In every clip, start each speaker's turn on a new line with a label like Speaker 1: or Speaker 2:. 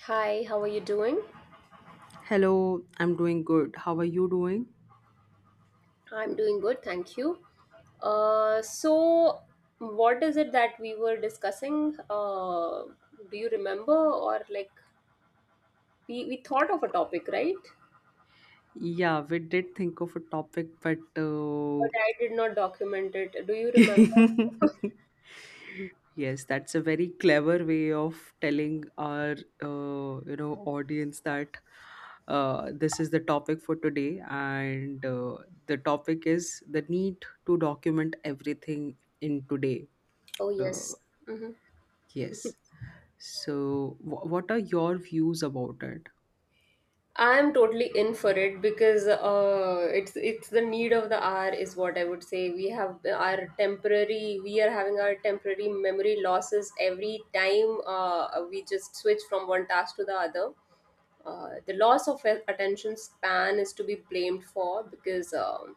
Speaker 1: Hi, how are you doing?
Speaker 2: Hello, I'm doing good. How are you doing?
Speaker 1: I'm doing good, thank you. Uh, so, what is it that we were discussing? Do you remember? Or, like, we thought of a topic, right? But
Speaker 2: Yeah, we did think of a topic, but
Speaker 1: I did not document it. Do you remember?
Speaker 2: yes, that's a very clever way of telling our audience that this is the topic for today, and the topic is the need to document everything in today.
Speaker 1: Oh,
Speaker 2: Uh,
Speaker 1: yes. Mm-hmm.
Speaker 2: yes. So, what are your views about it?
Speaker 1: I'm totally in for it because it's the need of the hour is what I would say. We have our temporary, we are having our temporary memory losses every time we just switch from one task to the other. The loss of attention span is to be blamed for um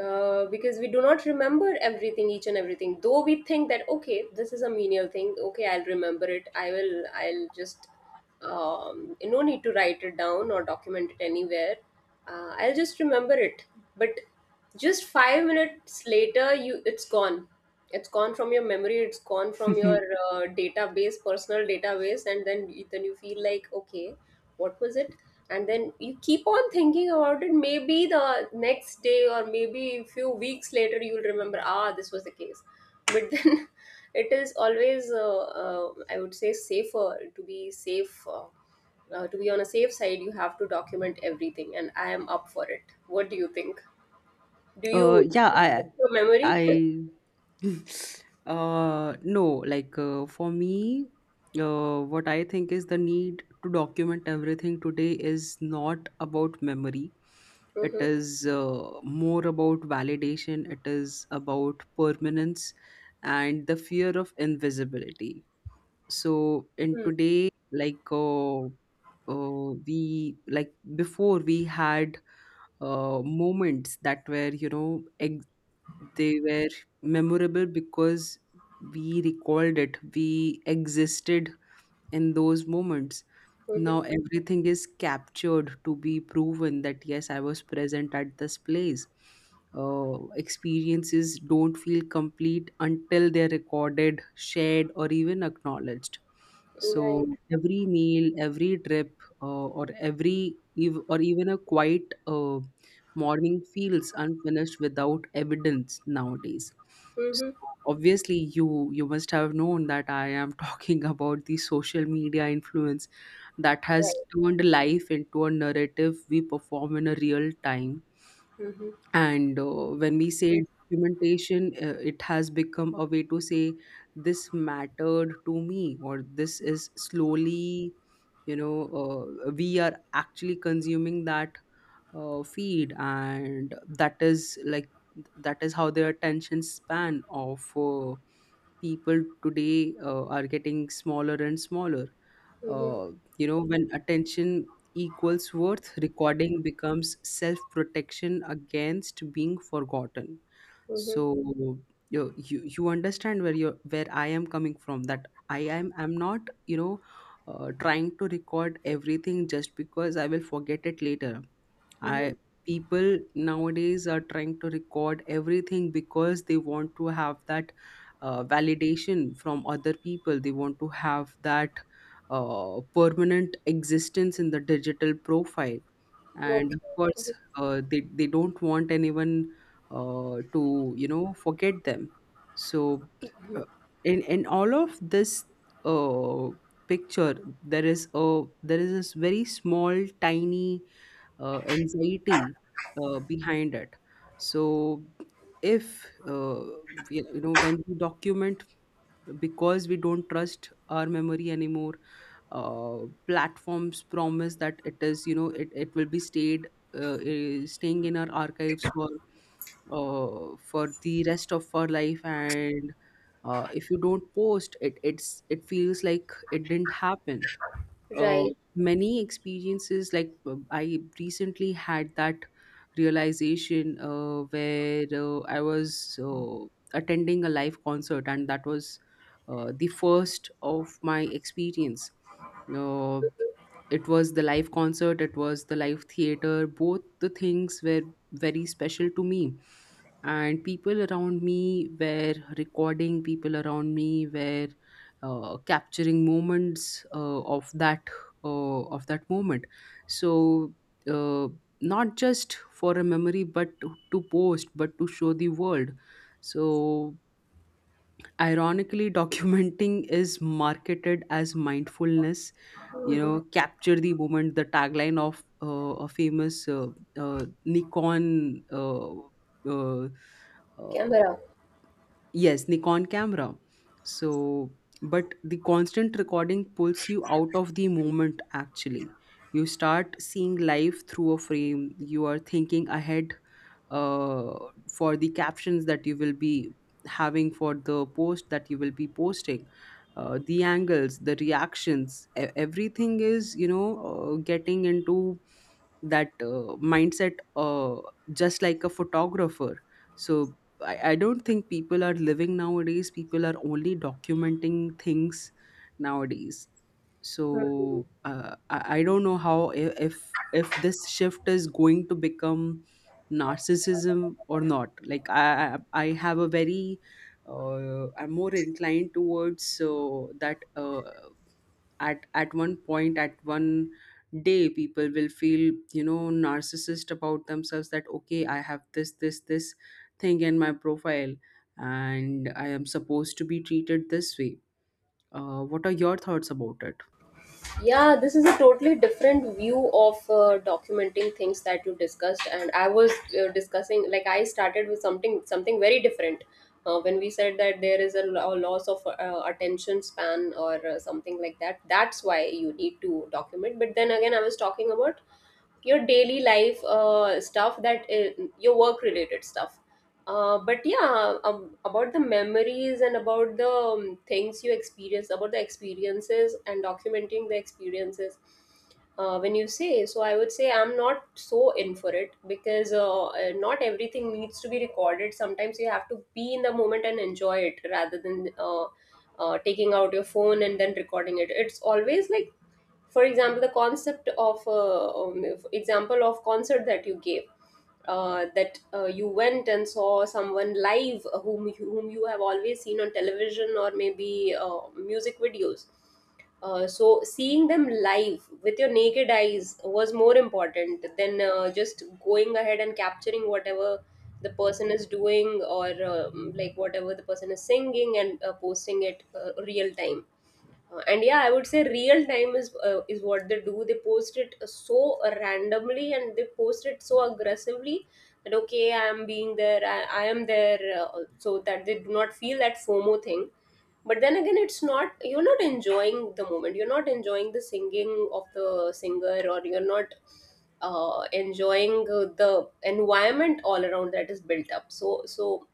Speaker 1: uh, because we do not remember everything, each and everything, though we think that okay, this is a menial thing, okay, I'll remember it, I will, I'll just no need to write it down or document it anywhere, I'll just remember it, but just 5 minutes later, you, it's gone. It's gone from your memory, it's gone from your database, personal database, and then then you feel like, okay, what was it? And then you keep on thinking about it, maybe the next day or maybe a few weeks later you'll remember, ah, this was the case. But then it is always I would say safer, to be safe, to be on a safe side you have to document everything, and I am up for it. What do you think? do you do
Speaker 2: Yeah,
Speaker 1: you trust your memory?
Speaker 2: I, no, like for me, what I think is the need to document everything today is not about memory. It
Speaker 1: Mhm.
Speaker 2: is more about validation. It is about permanence and the fear of invisibility. So in today, like we like before we had moments that were you know ex- they were memorable because we recalled it, we existed in those moments.
Speaker 1: Mhm.
Speaker 2: Now everything is captured to be proven that yes, I was present at this place. Experiences don't feel complete until they're recorded, shared, or even acknowledged. So
Speaker 1: Right.
Speaker 2: every meal, every trip, or even a quiet morning feels unfinished without evidence nowadays. So
Speaker 1: Mm-hmm.
Speaker 2: obviously, you must have known that I am talking about the social media influence that has
Speaker 1: Right.
Speaker 2: turned life into a narrative we perform in a real time.
Speaker 1: Mm-hmm.
Speaker 2: And when we say documentation, it has become a way to say this mattered to me, or this is slowly, we are actually consuming that feed, and that is how their attention span of people today are getting smaller and smaller. Uh,
Speaker 1: Mm-hmm.
Speaker 2: when attention equals worth, recording becomes self protection against being forgotten.
Speaker 1: Mm-hmm.
Speaker 2: So you understand where I am coming from, that I'm not you know trying to record everything just because I will forget it later.
Speaker 1: Mm-hmm.
Speaker 2: I People nowadays are trying to record everything because they want to have that validation from other people. They want to have that permanent existence in the digital profile, and
Speaker 1: Okay.
Speaker 2: of course,
Speaker 1: Mhm.
Speaker 2: they don't want anyone to forget them. So, uh, in all of this. Uh, Picture, there is this very small, tiny anxiety behind it. So, if we- you know when we document because we don't trust our memory anymore, uh, platforms promise that it is it will be staying in our archives for the rest of our life, and if you don't post it, it feels like it didn't happen. uh,
Speaker 1: Right.
Speaker 2: Many experiences, like I recently had that realization where I was attending a live concert, and that was the first of my experience. Uh, it was the live concert, it was the live theater, both the things were very special to me, and people around me were recording, people around me were capturing moments of that moment. So uh, not just for a memory, but to post, but to show the world. So ironically, documenting is marketed as mindfulness.
Speaker 1: Hmm.
Speaker 2: Capture the moment, the tagline of a famous Nikon uh, uh,
Speaker 1: Camera.
Speaker 2: Yes, Nikon camera. So, but the constant recording pulls you out of the moment actually. You start seeing life through a frame. You are thinking ahead uh, for the captions that you will be having, for the post that you will be posting. The angles, the reactions, everything is, getting into that mindset, just like a photographer. So I don't think people are living nowadays. People are only documenting things nowadays.
Speaker 1: Mhm.
Speaker 2: So I don't know how I- if this shift is going to become narcissism or not. Like I have a very I'm more inclined towards that. At one point, at one day, people will feel narcissist about themselves, that okay, I have this thing in my profile and I am supposed to be treated this way. What are your thoughts about it?
Speaker 1: Yeah, this is a totally different view of documenting things that you discussed, and I was discussing, like I started with something very different. When we said that there is a, a loss of attention span or something like that, that's why you need to document. But then again, I was talking about your daily life stuff, that your work related stuff, but yeah, about the memories and about the things you experience, about the experiences and documenting the experiences, when you say so, I would say I'm not so in for it, because not everything needs to be recorded. Sometimes you have to be in the moment and enjoy it rather than taking out your phone and then recording it. It's always like, for example, the concept of example of concert that you gave, that you went and saw someone live, whom you have always seen on television, or maybe music videos. So seeing them live with your naked eyes was more important than just going ahead and capturing whatever the person is doing, or like whatever the person is singing, and posting it real time, and yeah, I would say real time is what they do. They post it so randomly and they post it so aggressively, that okay, I am being there, I am there, so that they do not feel that FOMO thing. But then again, it's not, you're not enjoying the moment. You're not enjoying the singing of the singer, or you're not enjoying the environment all around that is built up. So so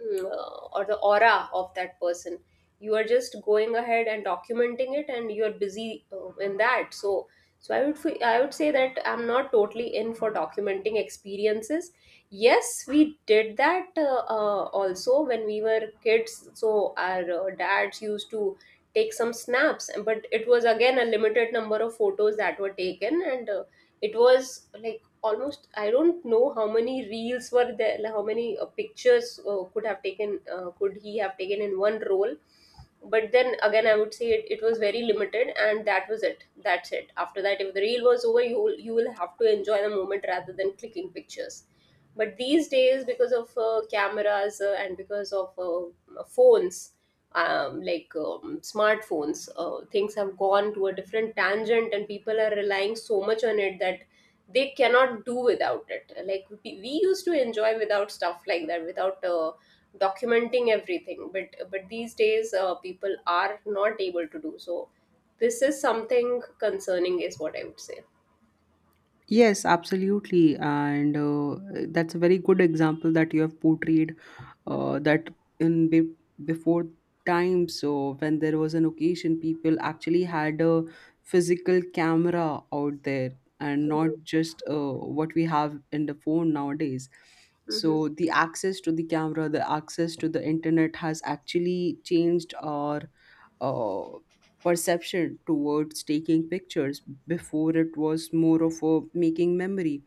Speaker 1: mm, uh, or the aura of that person, you are just going ahead and documenting it and you are busy in that. So I would I would say that I'm not totally in for documenting experiences. Yes, we did that also when we were kids. So our dads used to take some snaps, but it was again a limited number of photos that were taken, and it was, like, almost I don't know how many reels were there, like how many pictures could he have taken in one role. But then again, I would say it was very limited, and that was it, that's it. After that, if the reel was over, you will have to enjoy the moment rather than clicking pictures. But these days, because of cameras, and because of phones, smartphones, things have gone to a different tangent and people are relying so much on it, that they cannot do without it. Like we used to enjoy without stuff like that, without documenting everything, but these days people are not able to do so. This is something concerning, is what I would say.
Speaker 2: Yes, absolutely, and that's a very good example that you have portrayed,
Speaker 1: Mhm,
Speaker 2: that in be- before time, so when there was an occasion, people actually had a physical camera out there, and not just what we have in the phone nowadays.
Speaker 1: mhm,
Speaker 2: So the access to the camera, the access to the internet has actually changed our uh, perception towards taking pictures. Before, it was more of a making memory.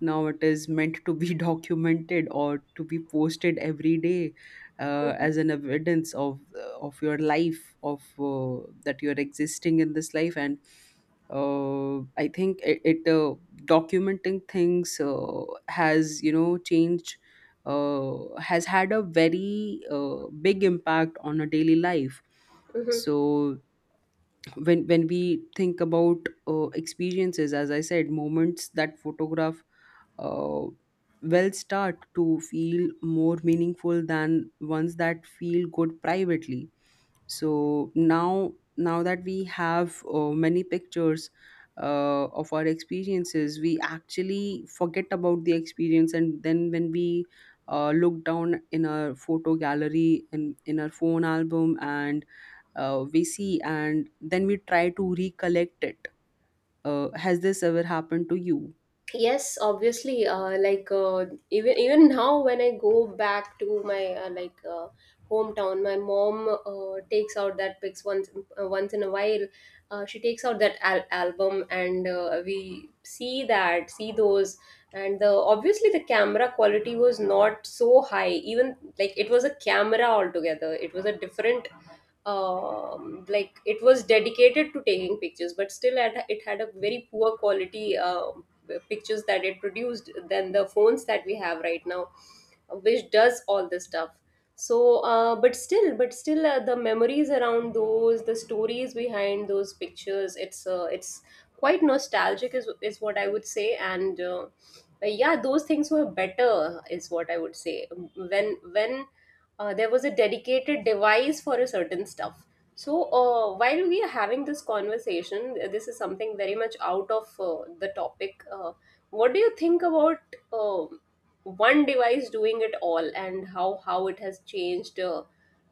Speaker 2: Now it is meant to be documented or to be posted every day,
Speaker 1: mhm,
Speaker 2: as an evidence of your life, of that you're existing in this life, and uh, I think it, it documenting things has you know changed has had a very big impact on a daily life.
Speaker 1: mhm.
Speaker 2: So when we think about experiences, as I said, moments that photograph uh, well start to feel more meaningful than ones that feel good privately. So now that we have many pictures of our experiences, we actually forget about the experience, and then when we look down in our photo gallery and in our phone album, and we see, and then we try to recollect it. Has this ever happened to you?
Speaker 1: Yes, obviously. Even even now, when I go back to my hometown, my mom takes out that pics once, once in a while. She takes out that album, and we see that, see those, and the obviously the camera quality was not so high. Even like it was a camera altogether. It was a different, like it was dedicated to taking pictures, but still had, it had a very poor quality pictures that it produced than the phones that we have right now, which does all this stuff. So but still the memories around those, the stories behind those pictures, it's quite nostalgic is what I would say, and yeah, those things were better is what I would say, when there was a dedicated device for a certain stuff. So, while we are having this conversation, this is something very much out of the topic. What do you think about um one device doing it all, and how it has changed? Uh,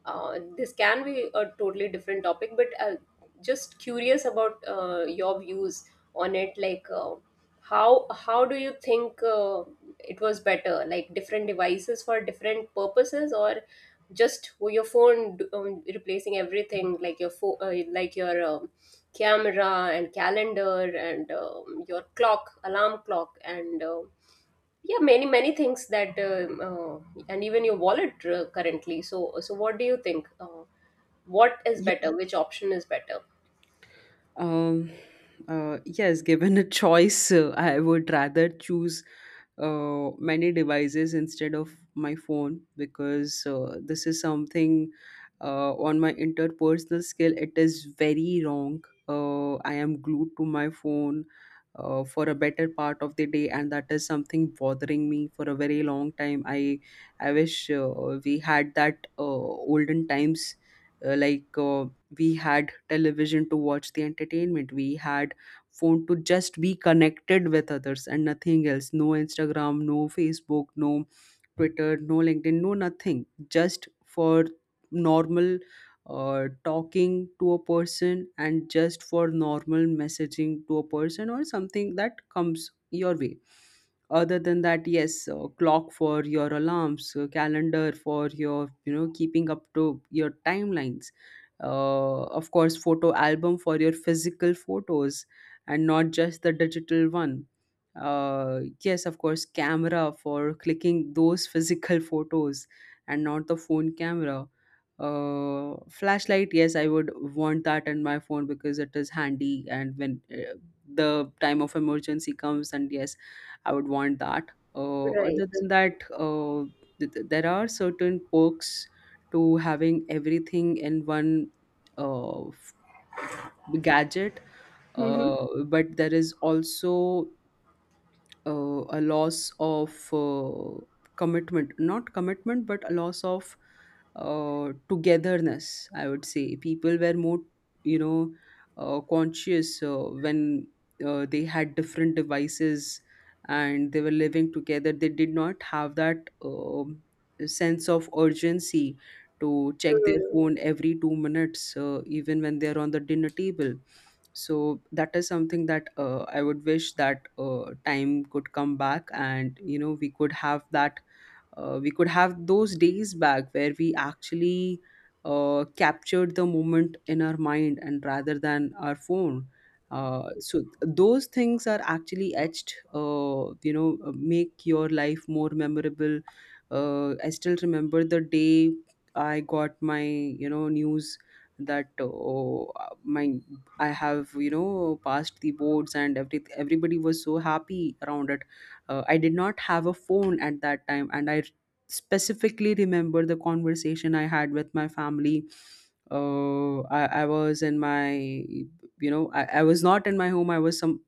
Speaker 1: uh, This can be a totally different topic, but just curious about your views on it. Like, how do you think it was better? Like different devices for different purposes, or just your phone replacing everything, like your phone, like your camera and calendar, and your clock, alarm clock, and yeah, many many things that and even your wallet currently. So what do you think, what is better, which option is better?
Speaker 2: Um, yes, given a choice, I would rather choose many devices instead of my phone, because this is something on my interpersonal skill, it is very wrong. I am glued to my phone for a better part of the day, and that is something bothering me for a very long time. I wish we had that olden times. Like we had television to watch the entertainment, we had phone to just be connected with others and nothing else. No Instagram, no Facebook, no Twitter, no LinkedIn, no nothing. Just for normal talking to a person, and just for normal messaging to a person, or something that comes your way. Other than that, yes, clock for your alarms, calendar for your keeping up to your timelines, of course photo album for your physical photos, and not just the digital one. Yes, of course, camera for clicking those physical photos, and not the phone camera. Flashlight, yes, I would want that in my phone because it is handy, and when the time of emergency comes, and yes, I would want that.
Speaker 1: Right.
Speaker 2: Other than that, there are certain perks to having everything in one uh, f- gadget,
Speaker 1: Mm-hmm.
Speaker 2: but there is also a loss of commitment, not commitment, but a loss of togetherness, I would say. People were more you know conscious when they had different devices, and they were living together. They did not have that sense of urgency to check their phone every 2 minutes, even when they're on the dinner table. So that is something that I would wish that time could come back, and we could have those days back where we actually captured the moment in our mind, and rather than our phone. So those things are actually etched, make your life more memorable. I still remember the day I got my news that oh, my, I have passed the boards, and everybody was so happy around it. I did not have a phone at that time, and I specifically remember the conversation I had with my family. I was in my you know I was not in my home, I was some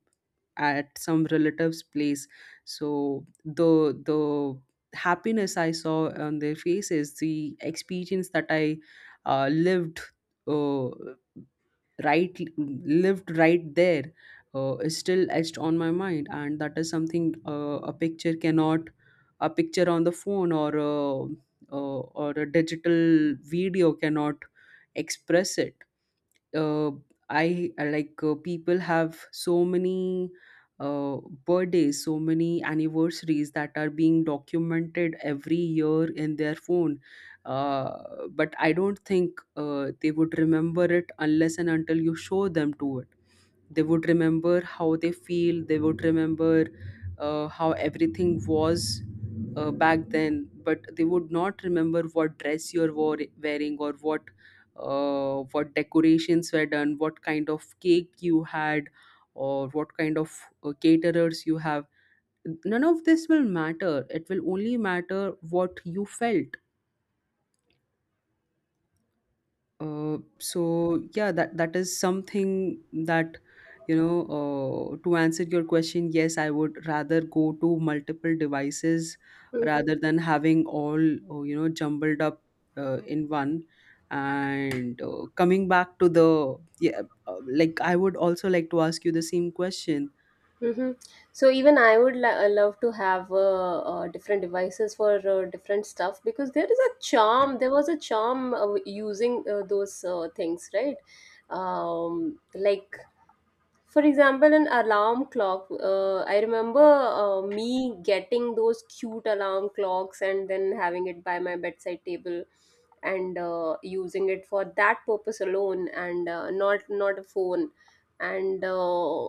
Speaker 2: at some relative's place. So the happiness I saw on their faces, the experience that I uh, lived uh, right lived right there, is still etched on my mind, and that is something a picture cannot a picture on the phone, or a digital video cannot express it. uh, I, like, people have so many uh, birthdays, so many anniversaries that are being documented every year in their phone, but I don't think they would remember it unless and until you show them to it. They would remember how they feel. They would remember how everything was back then, but they would not remember what dress you're wearing, or what decorations were done, what kind of cake you had, or what kind of caterers you have. None of this will matter. It will only matter what you felt. So yeah, that is something that you know. To answer your question, yes, I would rather go to multiple devices
Speaker 1: Mm-hmm.
Speaker 2: rather than having all jumbled up in one. And coming back to the like I would also like to ask you the same question.
Speaker 1: Mm-hmm. So even I would love to have different devices for different stuff, because there is a charm. There was a charm using those things, right? Like for example, an alarm clock. I remember me getting those cute alarm clocks and then having it by my bedside table, and using it for that purpose alone, and not a phone. And uh,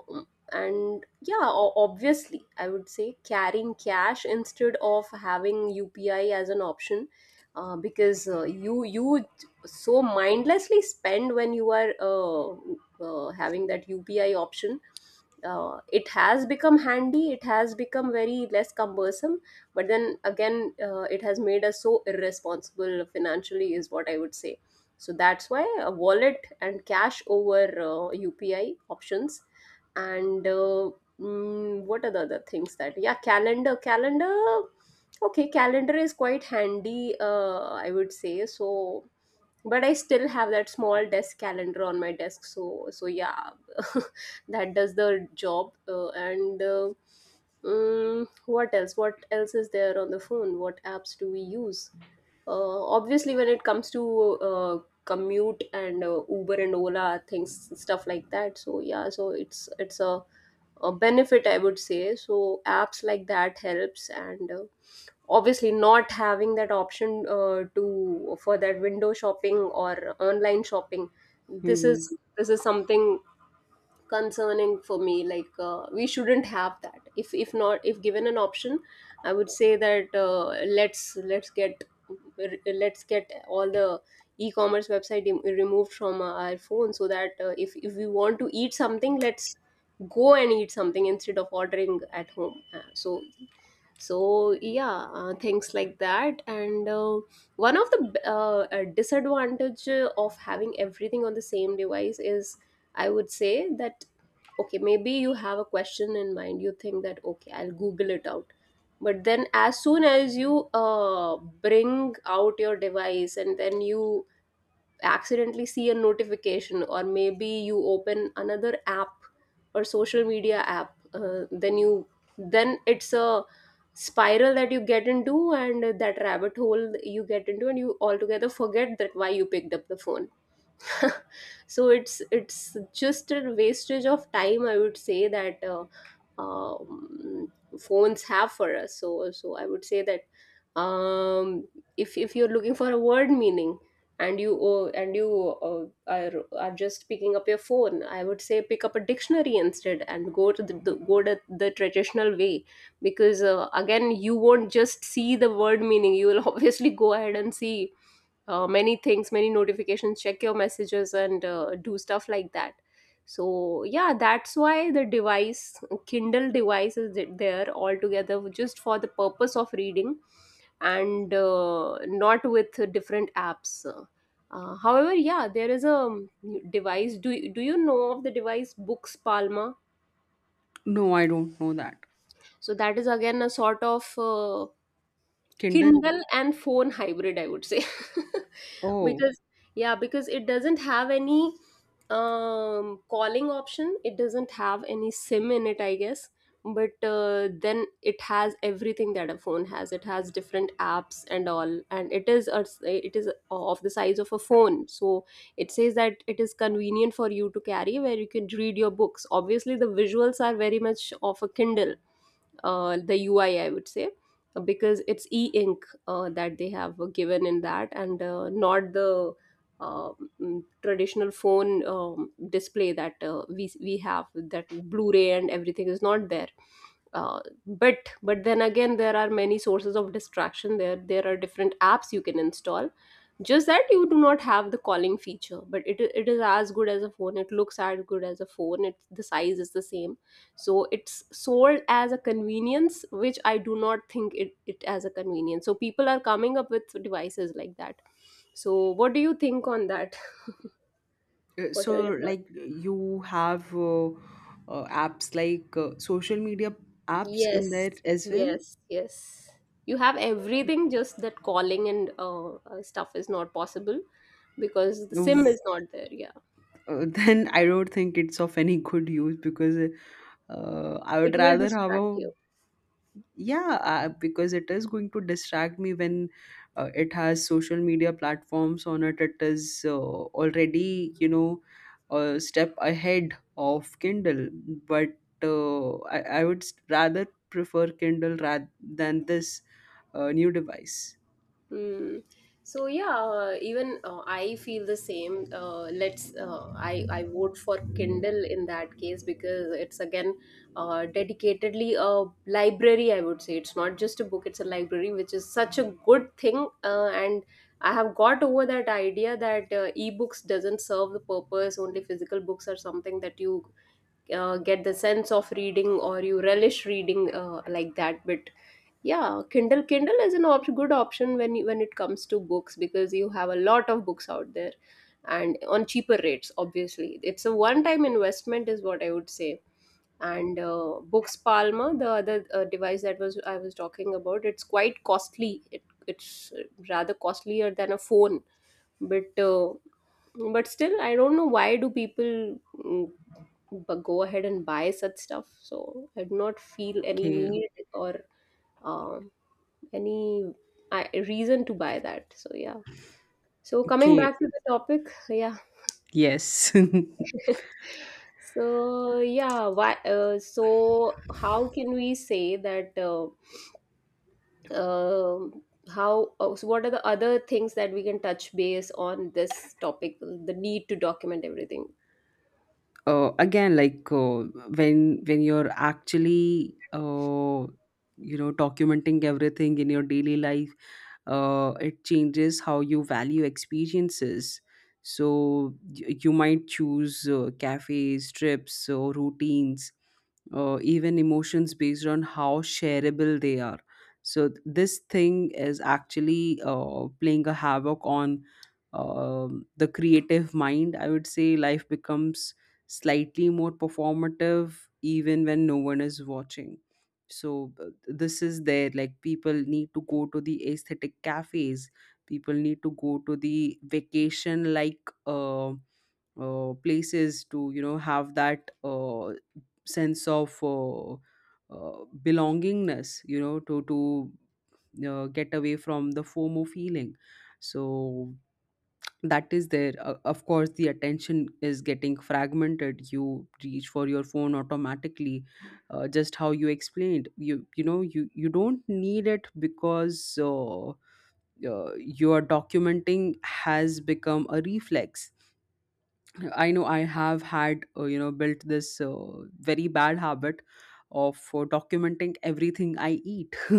Speaker 1: and yeah, obviously, I would say carrying cash instead of having UPI as an option, because you so mindlessly spend when you are having that UPI option. It has become handy, it has become very less cumbersome, but then again, it has made us so irresponsible financially, is what I would say. So that's why a wallet and cash over UPI options. And what are the other things that? Yeah, calendar. Calendar. Okay, calendar is quite handy, I would say. So but I still have that small desk calendar on my desk, so yeah, that does the job. What else, what else is there on the phone? What apps do we use? Uh, obviously when it comes to commute and Uber and Ola, things stuff like that. So yeah, so it's a benefit, I would say, so apps like that helps. And obviously not having that option to for that window shopping or online shopping, this
Speaker 2: Hmm.
Speaker 1: is this is something concerning for me. Like, we shouldn't have that. If not, if given an option, I would say that let's let's get let's get all the e-commerce website removed from our phone, so that if we want to eat something, let's go and eat something instead of ordering at home. So yeah, things like that. And one of the disadvantage of having everything on the same device is, I would say that, okay, maybe you have a question in mind. You think that, okay, I'll Google it out. But then, as soon as you bring out your device and then you accidentally see a notification, or maybe you open another app or social media app, then you then it's a spiral that you get into, and that rabbit hole you get into, and you altogether forget that why you picked up the phone. So it's just a wastage of time, I would say that um, phones have for us. So I would say that, um, if you're looking for a word meaning, and you uh, are just picking up your phone, I would say pick up a dictionary instead and go to the traditional way, because again you won't just see the word meaning, you will obviously go ahead and see many things, many notifications, check your messages, and do stuff like that. So yeah, that's why the device, Kindle device, is there altogether just for the purpose of reading, and not with different apps. However, yeah, there is a device. Do you know of the device Books Palma?
Speaker 2: No, I don't know that.
Speaker 1: So that is again a sort of
Speaker 2: Kindle.
Speaker 1: Kindle and phone hybrid, I would say.
Speaker 2: Oh.
Speaker 1: Because, yeah, because it doesn't have any calling option, it doesn't have any SIM in it, I guess. But then it has everything that a phone has. It has different apps and all, and it is a, it is of the size of a phone. So it says that it is convenient for you to carry, where you can read your books. Obviously, the visuals are very much of a Kindle, the UI, I would say, because it's e ink that they have given in that, and not the uh, traditional phone display that we have, that Blu ray and everything is not there. Uh, but then again, there are many sources of distraction. There There are different apps you can install, just that you do not have the calling feature. It is as good as a phone, it looks as good as a phone, it's the size is the same. So it's sold as a convenience, which I do not think it, it as a convenience. So people are coming up with devices like that. So what do you think on that?
Speaker 2: Uh,
Speaker 1: What are
Speaker 2: so
Speaker 1: your thoughts?
Speaker 2: like you have apps like social media apps in
Speaker 1: Yes.
Speaker 2: there as well.
Speaker 1: Yes. You have everything, just that calling and stuff is not possible, because the sim
Speaker 2: Oof.
Speaker 1: is not there, yeah.
Speaker 2: Then I don't think it's of any good use because I would
Speaker 1: It will
Speaker 2: rather have
Speaker 1: distract
Speaker 2: a,
Speaker 1: you.
Speaker 2: yeah. Because it is going to distract me when it has social media platforms on it, it is already, you know, a step ahead of Kindle, but I would rather prefer Kindle rather than this new device.
Speaker 1: Hmm. So yeah, even I feel the same. Let's I vote for Kindle in that case, because it's again dedicatedly a library. I would say it's not just a book; it's a library, which is such a good thing. And I have got over that idea that e-books doesn't serve the purpose. Only physical books are something that you get the sense of reading, or you relish reading like that. But yeah, Kindle. Kindle is an op- good option when you, when it comes to books, because you have a lot of books out there, and on cheaper rates. Obviously, it's a one-time investment, is what I would say. And Books Palma, the other device that was I was talking about, it's quite costly. It, it's rather costlier than a phone, but uh, but still, I don't know why do people go ahead and buy such stuff. So I do not feel any
Speaker 2: Okay.
Speaker 1: need or. um any I, reason to buy that. So yeah. So coming
Speaker 2: Okay.
Speaker 1: back to the topic, yeah.
Speaker 2: Yes.
Speaker 1: So yeah, why? So how can we say that? Um how? So what are the other things that we can touch base on this topic? The need to document everything.
Speaker 2: Again, like when you're actually you know, documenting everything in your daily life, it changes how you value experiences. So you might choose cafes, trips or routines, even emotions based on how shareable they are. So this thing is actually playing a havoc on um the creative mind, I would say. Life becomes slightly more performative even when no one is watching. So this is there, like people need to go to the aesthetic cafes, people need to go to the vacation, like uh, places to, you know, have that sense of belongingness, you know, to to get away from the FOMO feeling. So that is there. Of course, the attention is getting fragmented. You reach for your phone automatically, just how you explained. You know, you don't need it, because your documenting has become a reflex. I know I have had, you know, built this very bad habit of documenting everything I eat.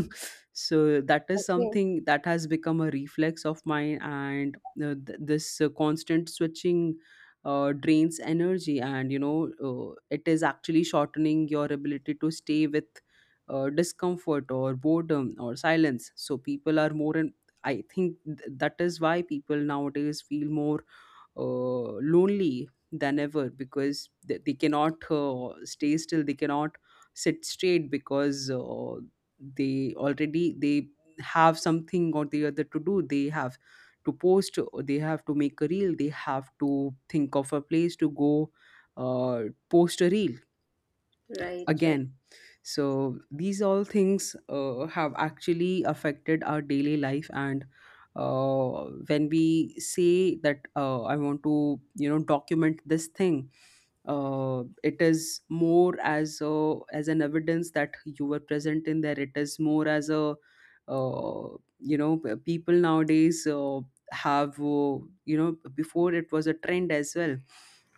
Speaker 2: So that is
Speaker 1: Okay.
Speaker 2: something that has become a reflex of mine. And this constant switching drains energy, and, you know, it is actually shortening your ability to stay with discomfort or boredom or silence. So people are more, and I think that is why people nowadays feel more uh, lonely than ever, because they cannot stay still, they cannot sit straight, because they already they have something or the other to do. They have to post, or they have to make a reel, they have to think of a place to go, uh, post a reel
Speaker 1: Right. Right.
Speaker 2: again. So these all things have actually affected our daily life. And when we say that I want to, you know, document this thing, it is more as a, as an evidence that you were present in there. It is more as a uh, you know, people nowadays have you know, before it was a trend as well,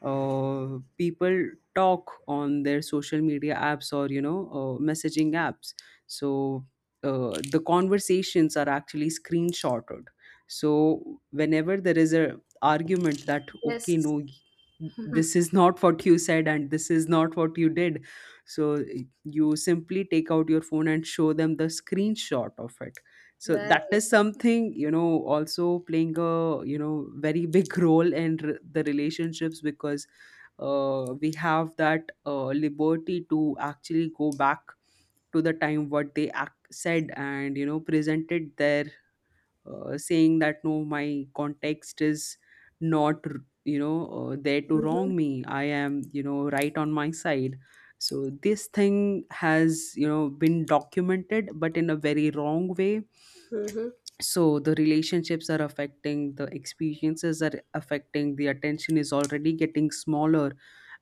Speaker 2: people talk on their social media apps, or, you know, messaging apps. So the conversations are actually screenshotted. So whenever there is a argument that, okay,
Speaker 1: Yes.
Speaker 2: no, this is not what you said, and this is not what you did. So you simply take out your phone and show them the screenshot of it. So that
Speaker 1: Right.
Speaker 2: is something, you know, also playing a, you know, very big role in the relationships, because we have that liberty to actually go back to the time what they said, and, you know, presented their saying that, no, my context is not you know, there to
Speaker 1: Mm-hmm.
Speaker 2: wrong me. I am, you know, right on my side. So this thing has, you know, been documented but in a very wrong way.
Speaker 1: Mm-hmm.
Speaker 2: So the relationships are affecting, the experiences are affecting, the attention is already getting smaller.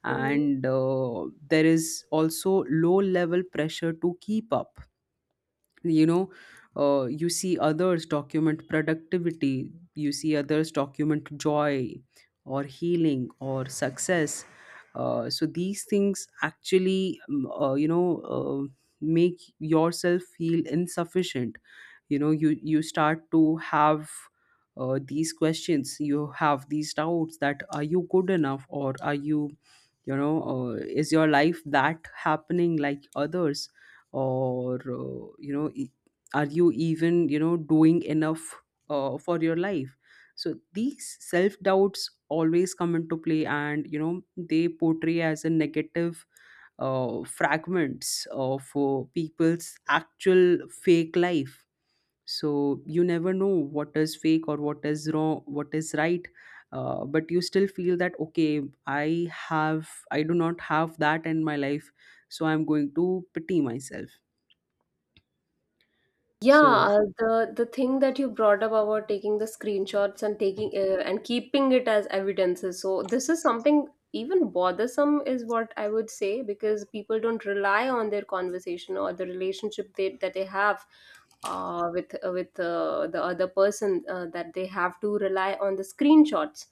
Speaker 2: And there is also low level pressure to keep up, you know. You see others document productivity, you see others document joy, or healing, or success. So these things actually you know, uh, make yourself feel insufficient. You know, you start to have these questions, you have these doubts that, are you good enough, or are you, you know, is your life that happening like others, or you know, are you even, you know, doing enough for your life. So these self doubts always come into play, and, you know, they portray as a negative fragments of people's actual fake life. So you never know what is fake or what is wrong, what is right. But you still feel that, okay, I have, I do not have that in my life, so I'm going to pity myself.
Speaker 1: Yeah,
Speaker 2: So,
Speaker 1: the thing that you brought up about taking the screenshots and taking and keeping it as evidences. So this is something even bothersome is what I would say, because people don't rely on their conversation or the relationship they, that they have with the other person, that they have to rely on the screenshots.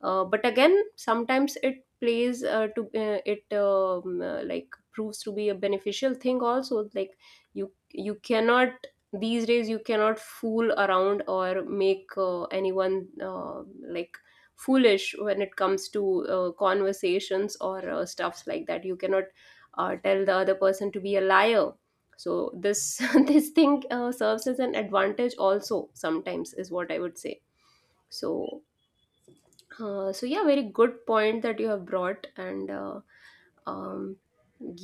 Speaker 1: But again, sometimes it plays to it like proves to be a beneficial thing also. Like, you cannot, these days you cannot fool around or make anyone like foolish when it comes to conversations or stuffs like that. You cannot tell the other person to be a liar. So this this thing serves as an advantage also sometimes, is what I would say. So so yeah, very good point that you have brought, and um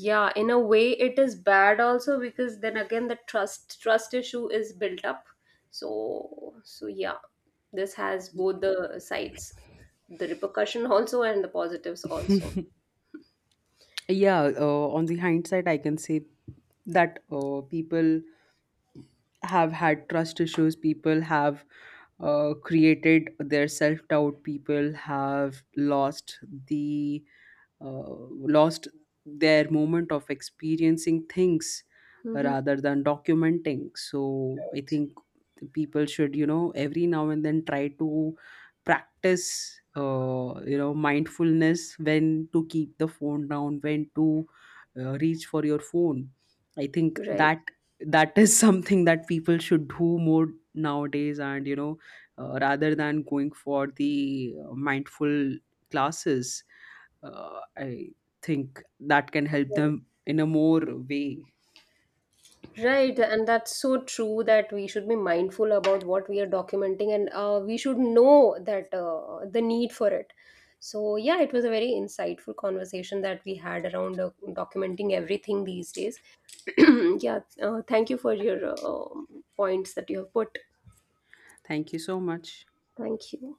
Speaker 1: yeah, in a way it is bad also, because then again the trust issue is built up. So yeah, this has both the sides, the repercussion also and the positives also.
Speaker 2: yeah, on the hindsight, I can say that people have had trust issues, people have created their self doubt, people have lost the uh, lost their moment of experiencing things
Speaker 1: Hmm.
Speaker 2: rather than documenting. So I think the people should, you know, every now and then try to practice, you know, mindfulness, when to keep the phone down, when to reach for your phone. I think
Speaker 1: Right.
Speaker 2: that that is something that people should do more nowadays, and, you know, rather than going for the mindful classes, I think that can help them in a more way.
Speaker 1: Right, and that's so true that we should be mindful about what we are documenting, and we should know that the need for it. So, yeah, it was a very insightful conversation that we had around documenting everything these days. Yeah, thank you for your points that you have put.
Speaker 2: Thank you so much.
Speaker 1: Thank you.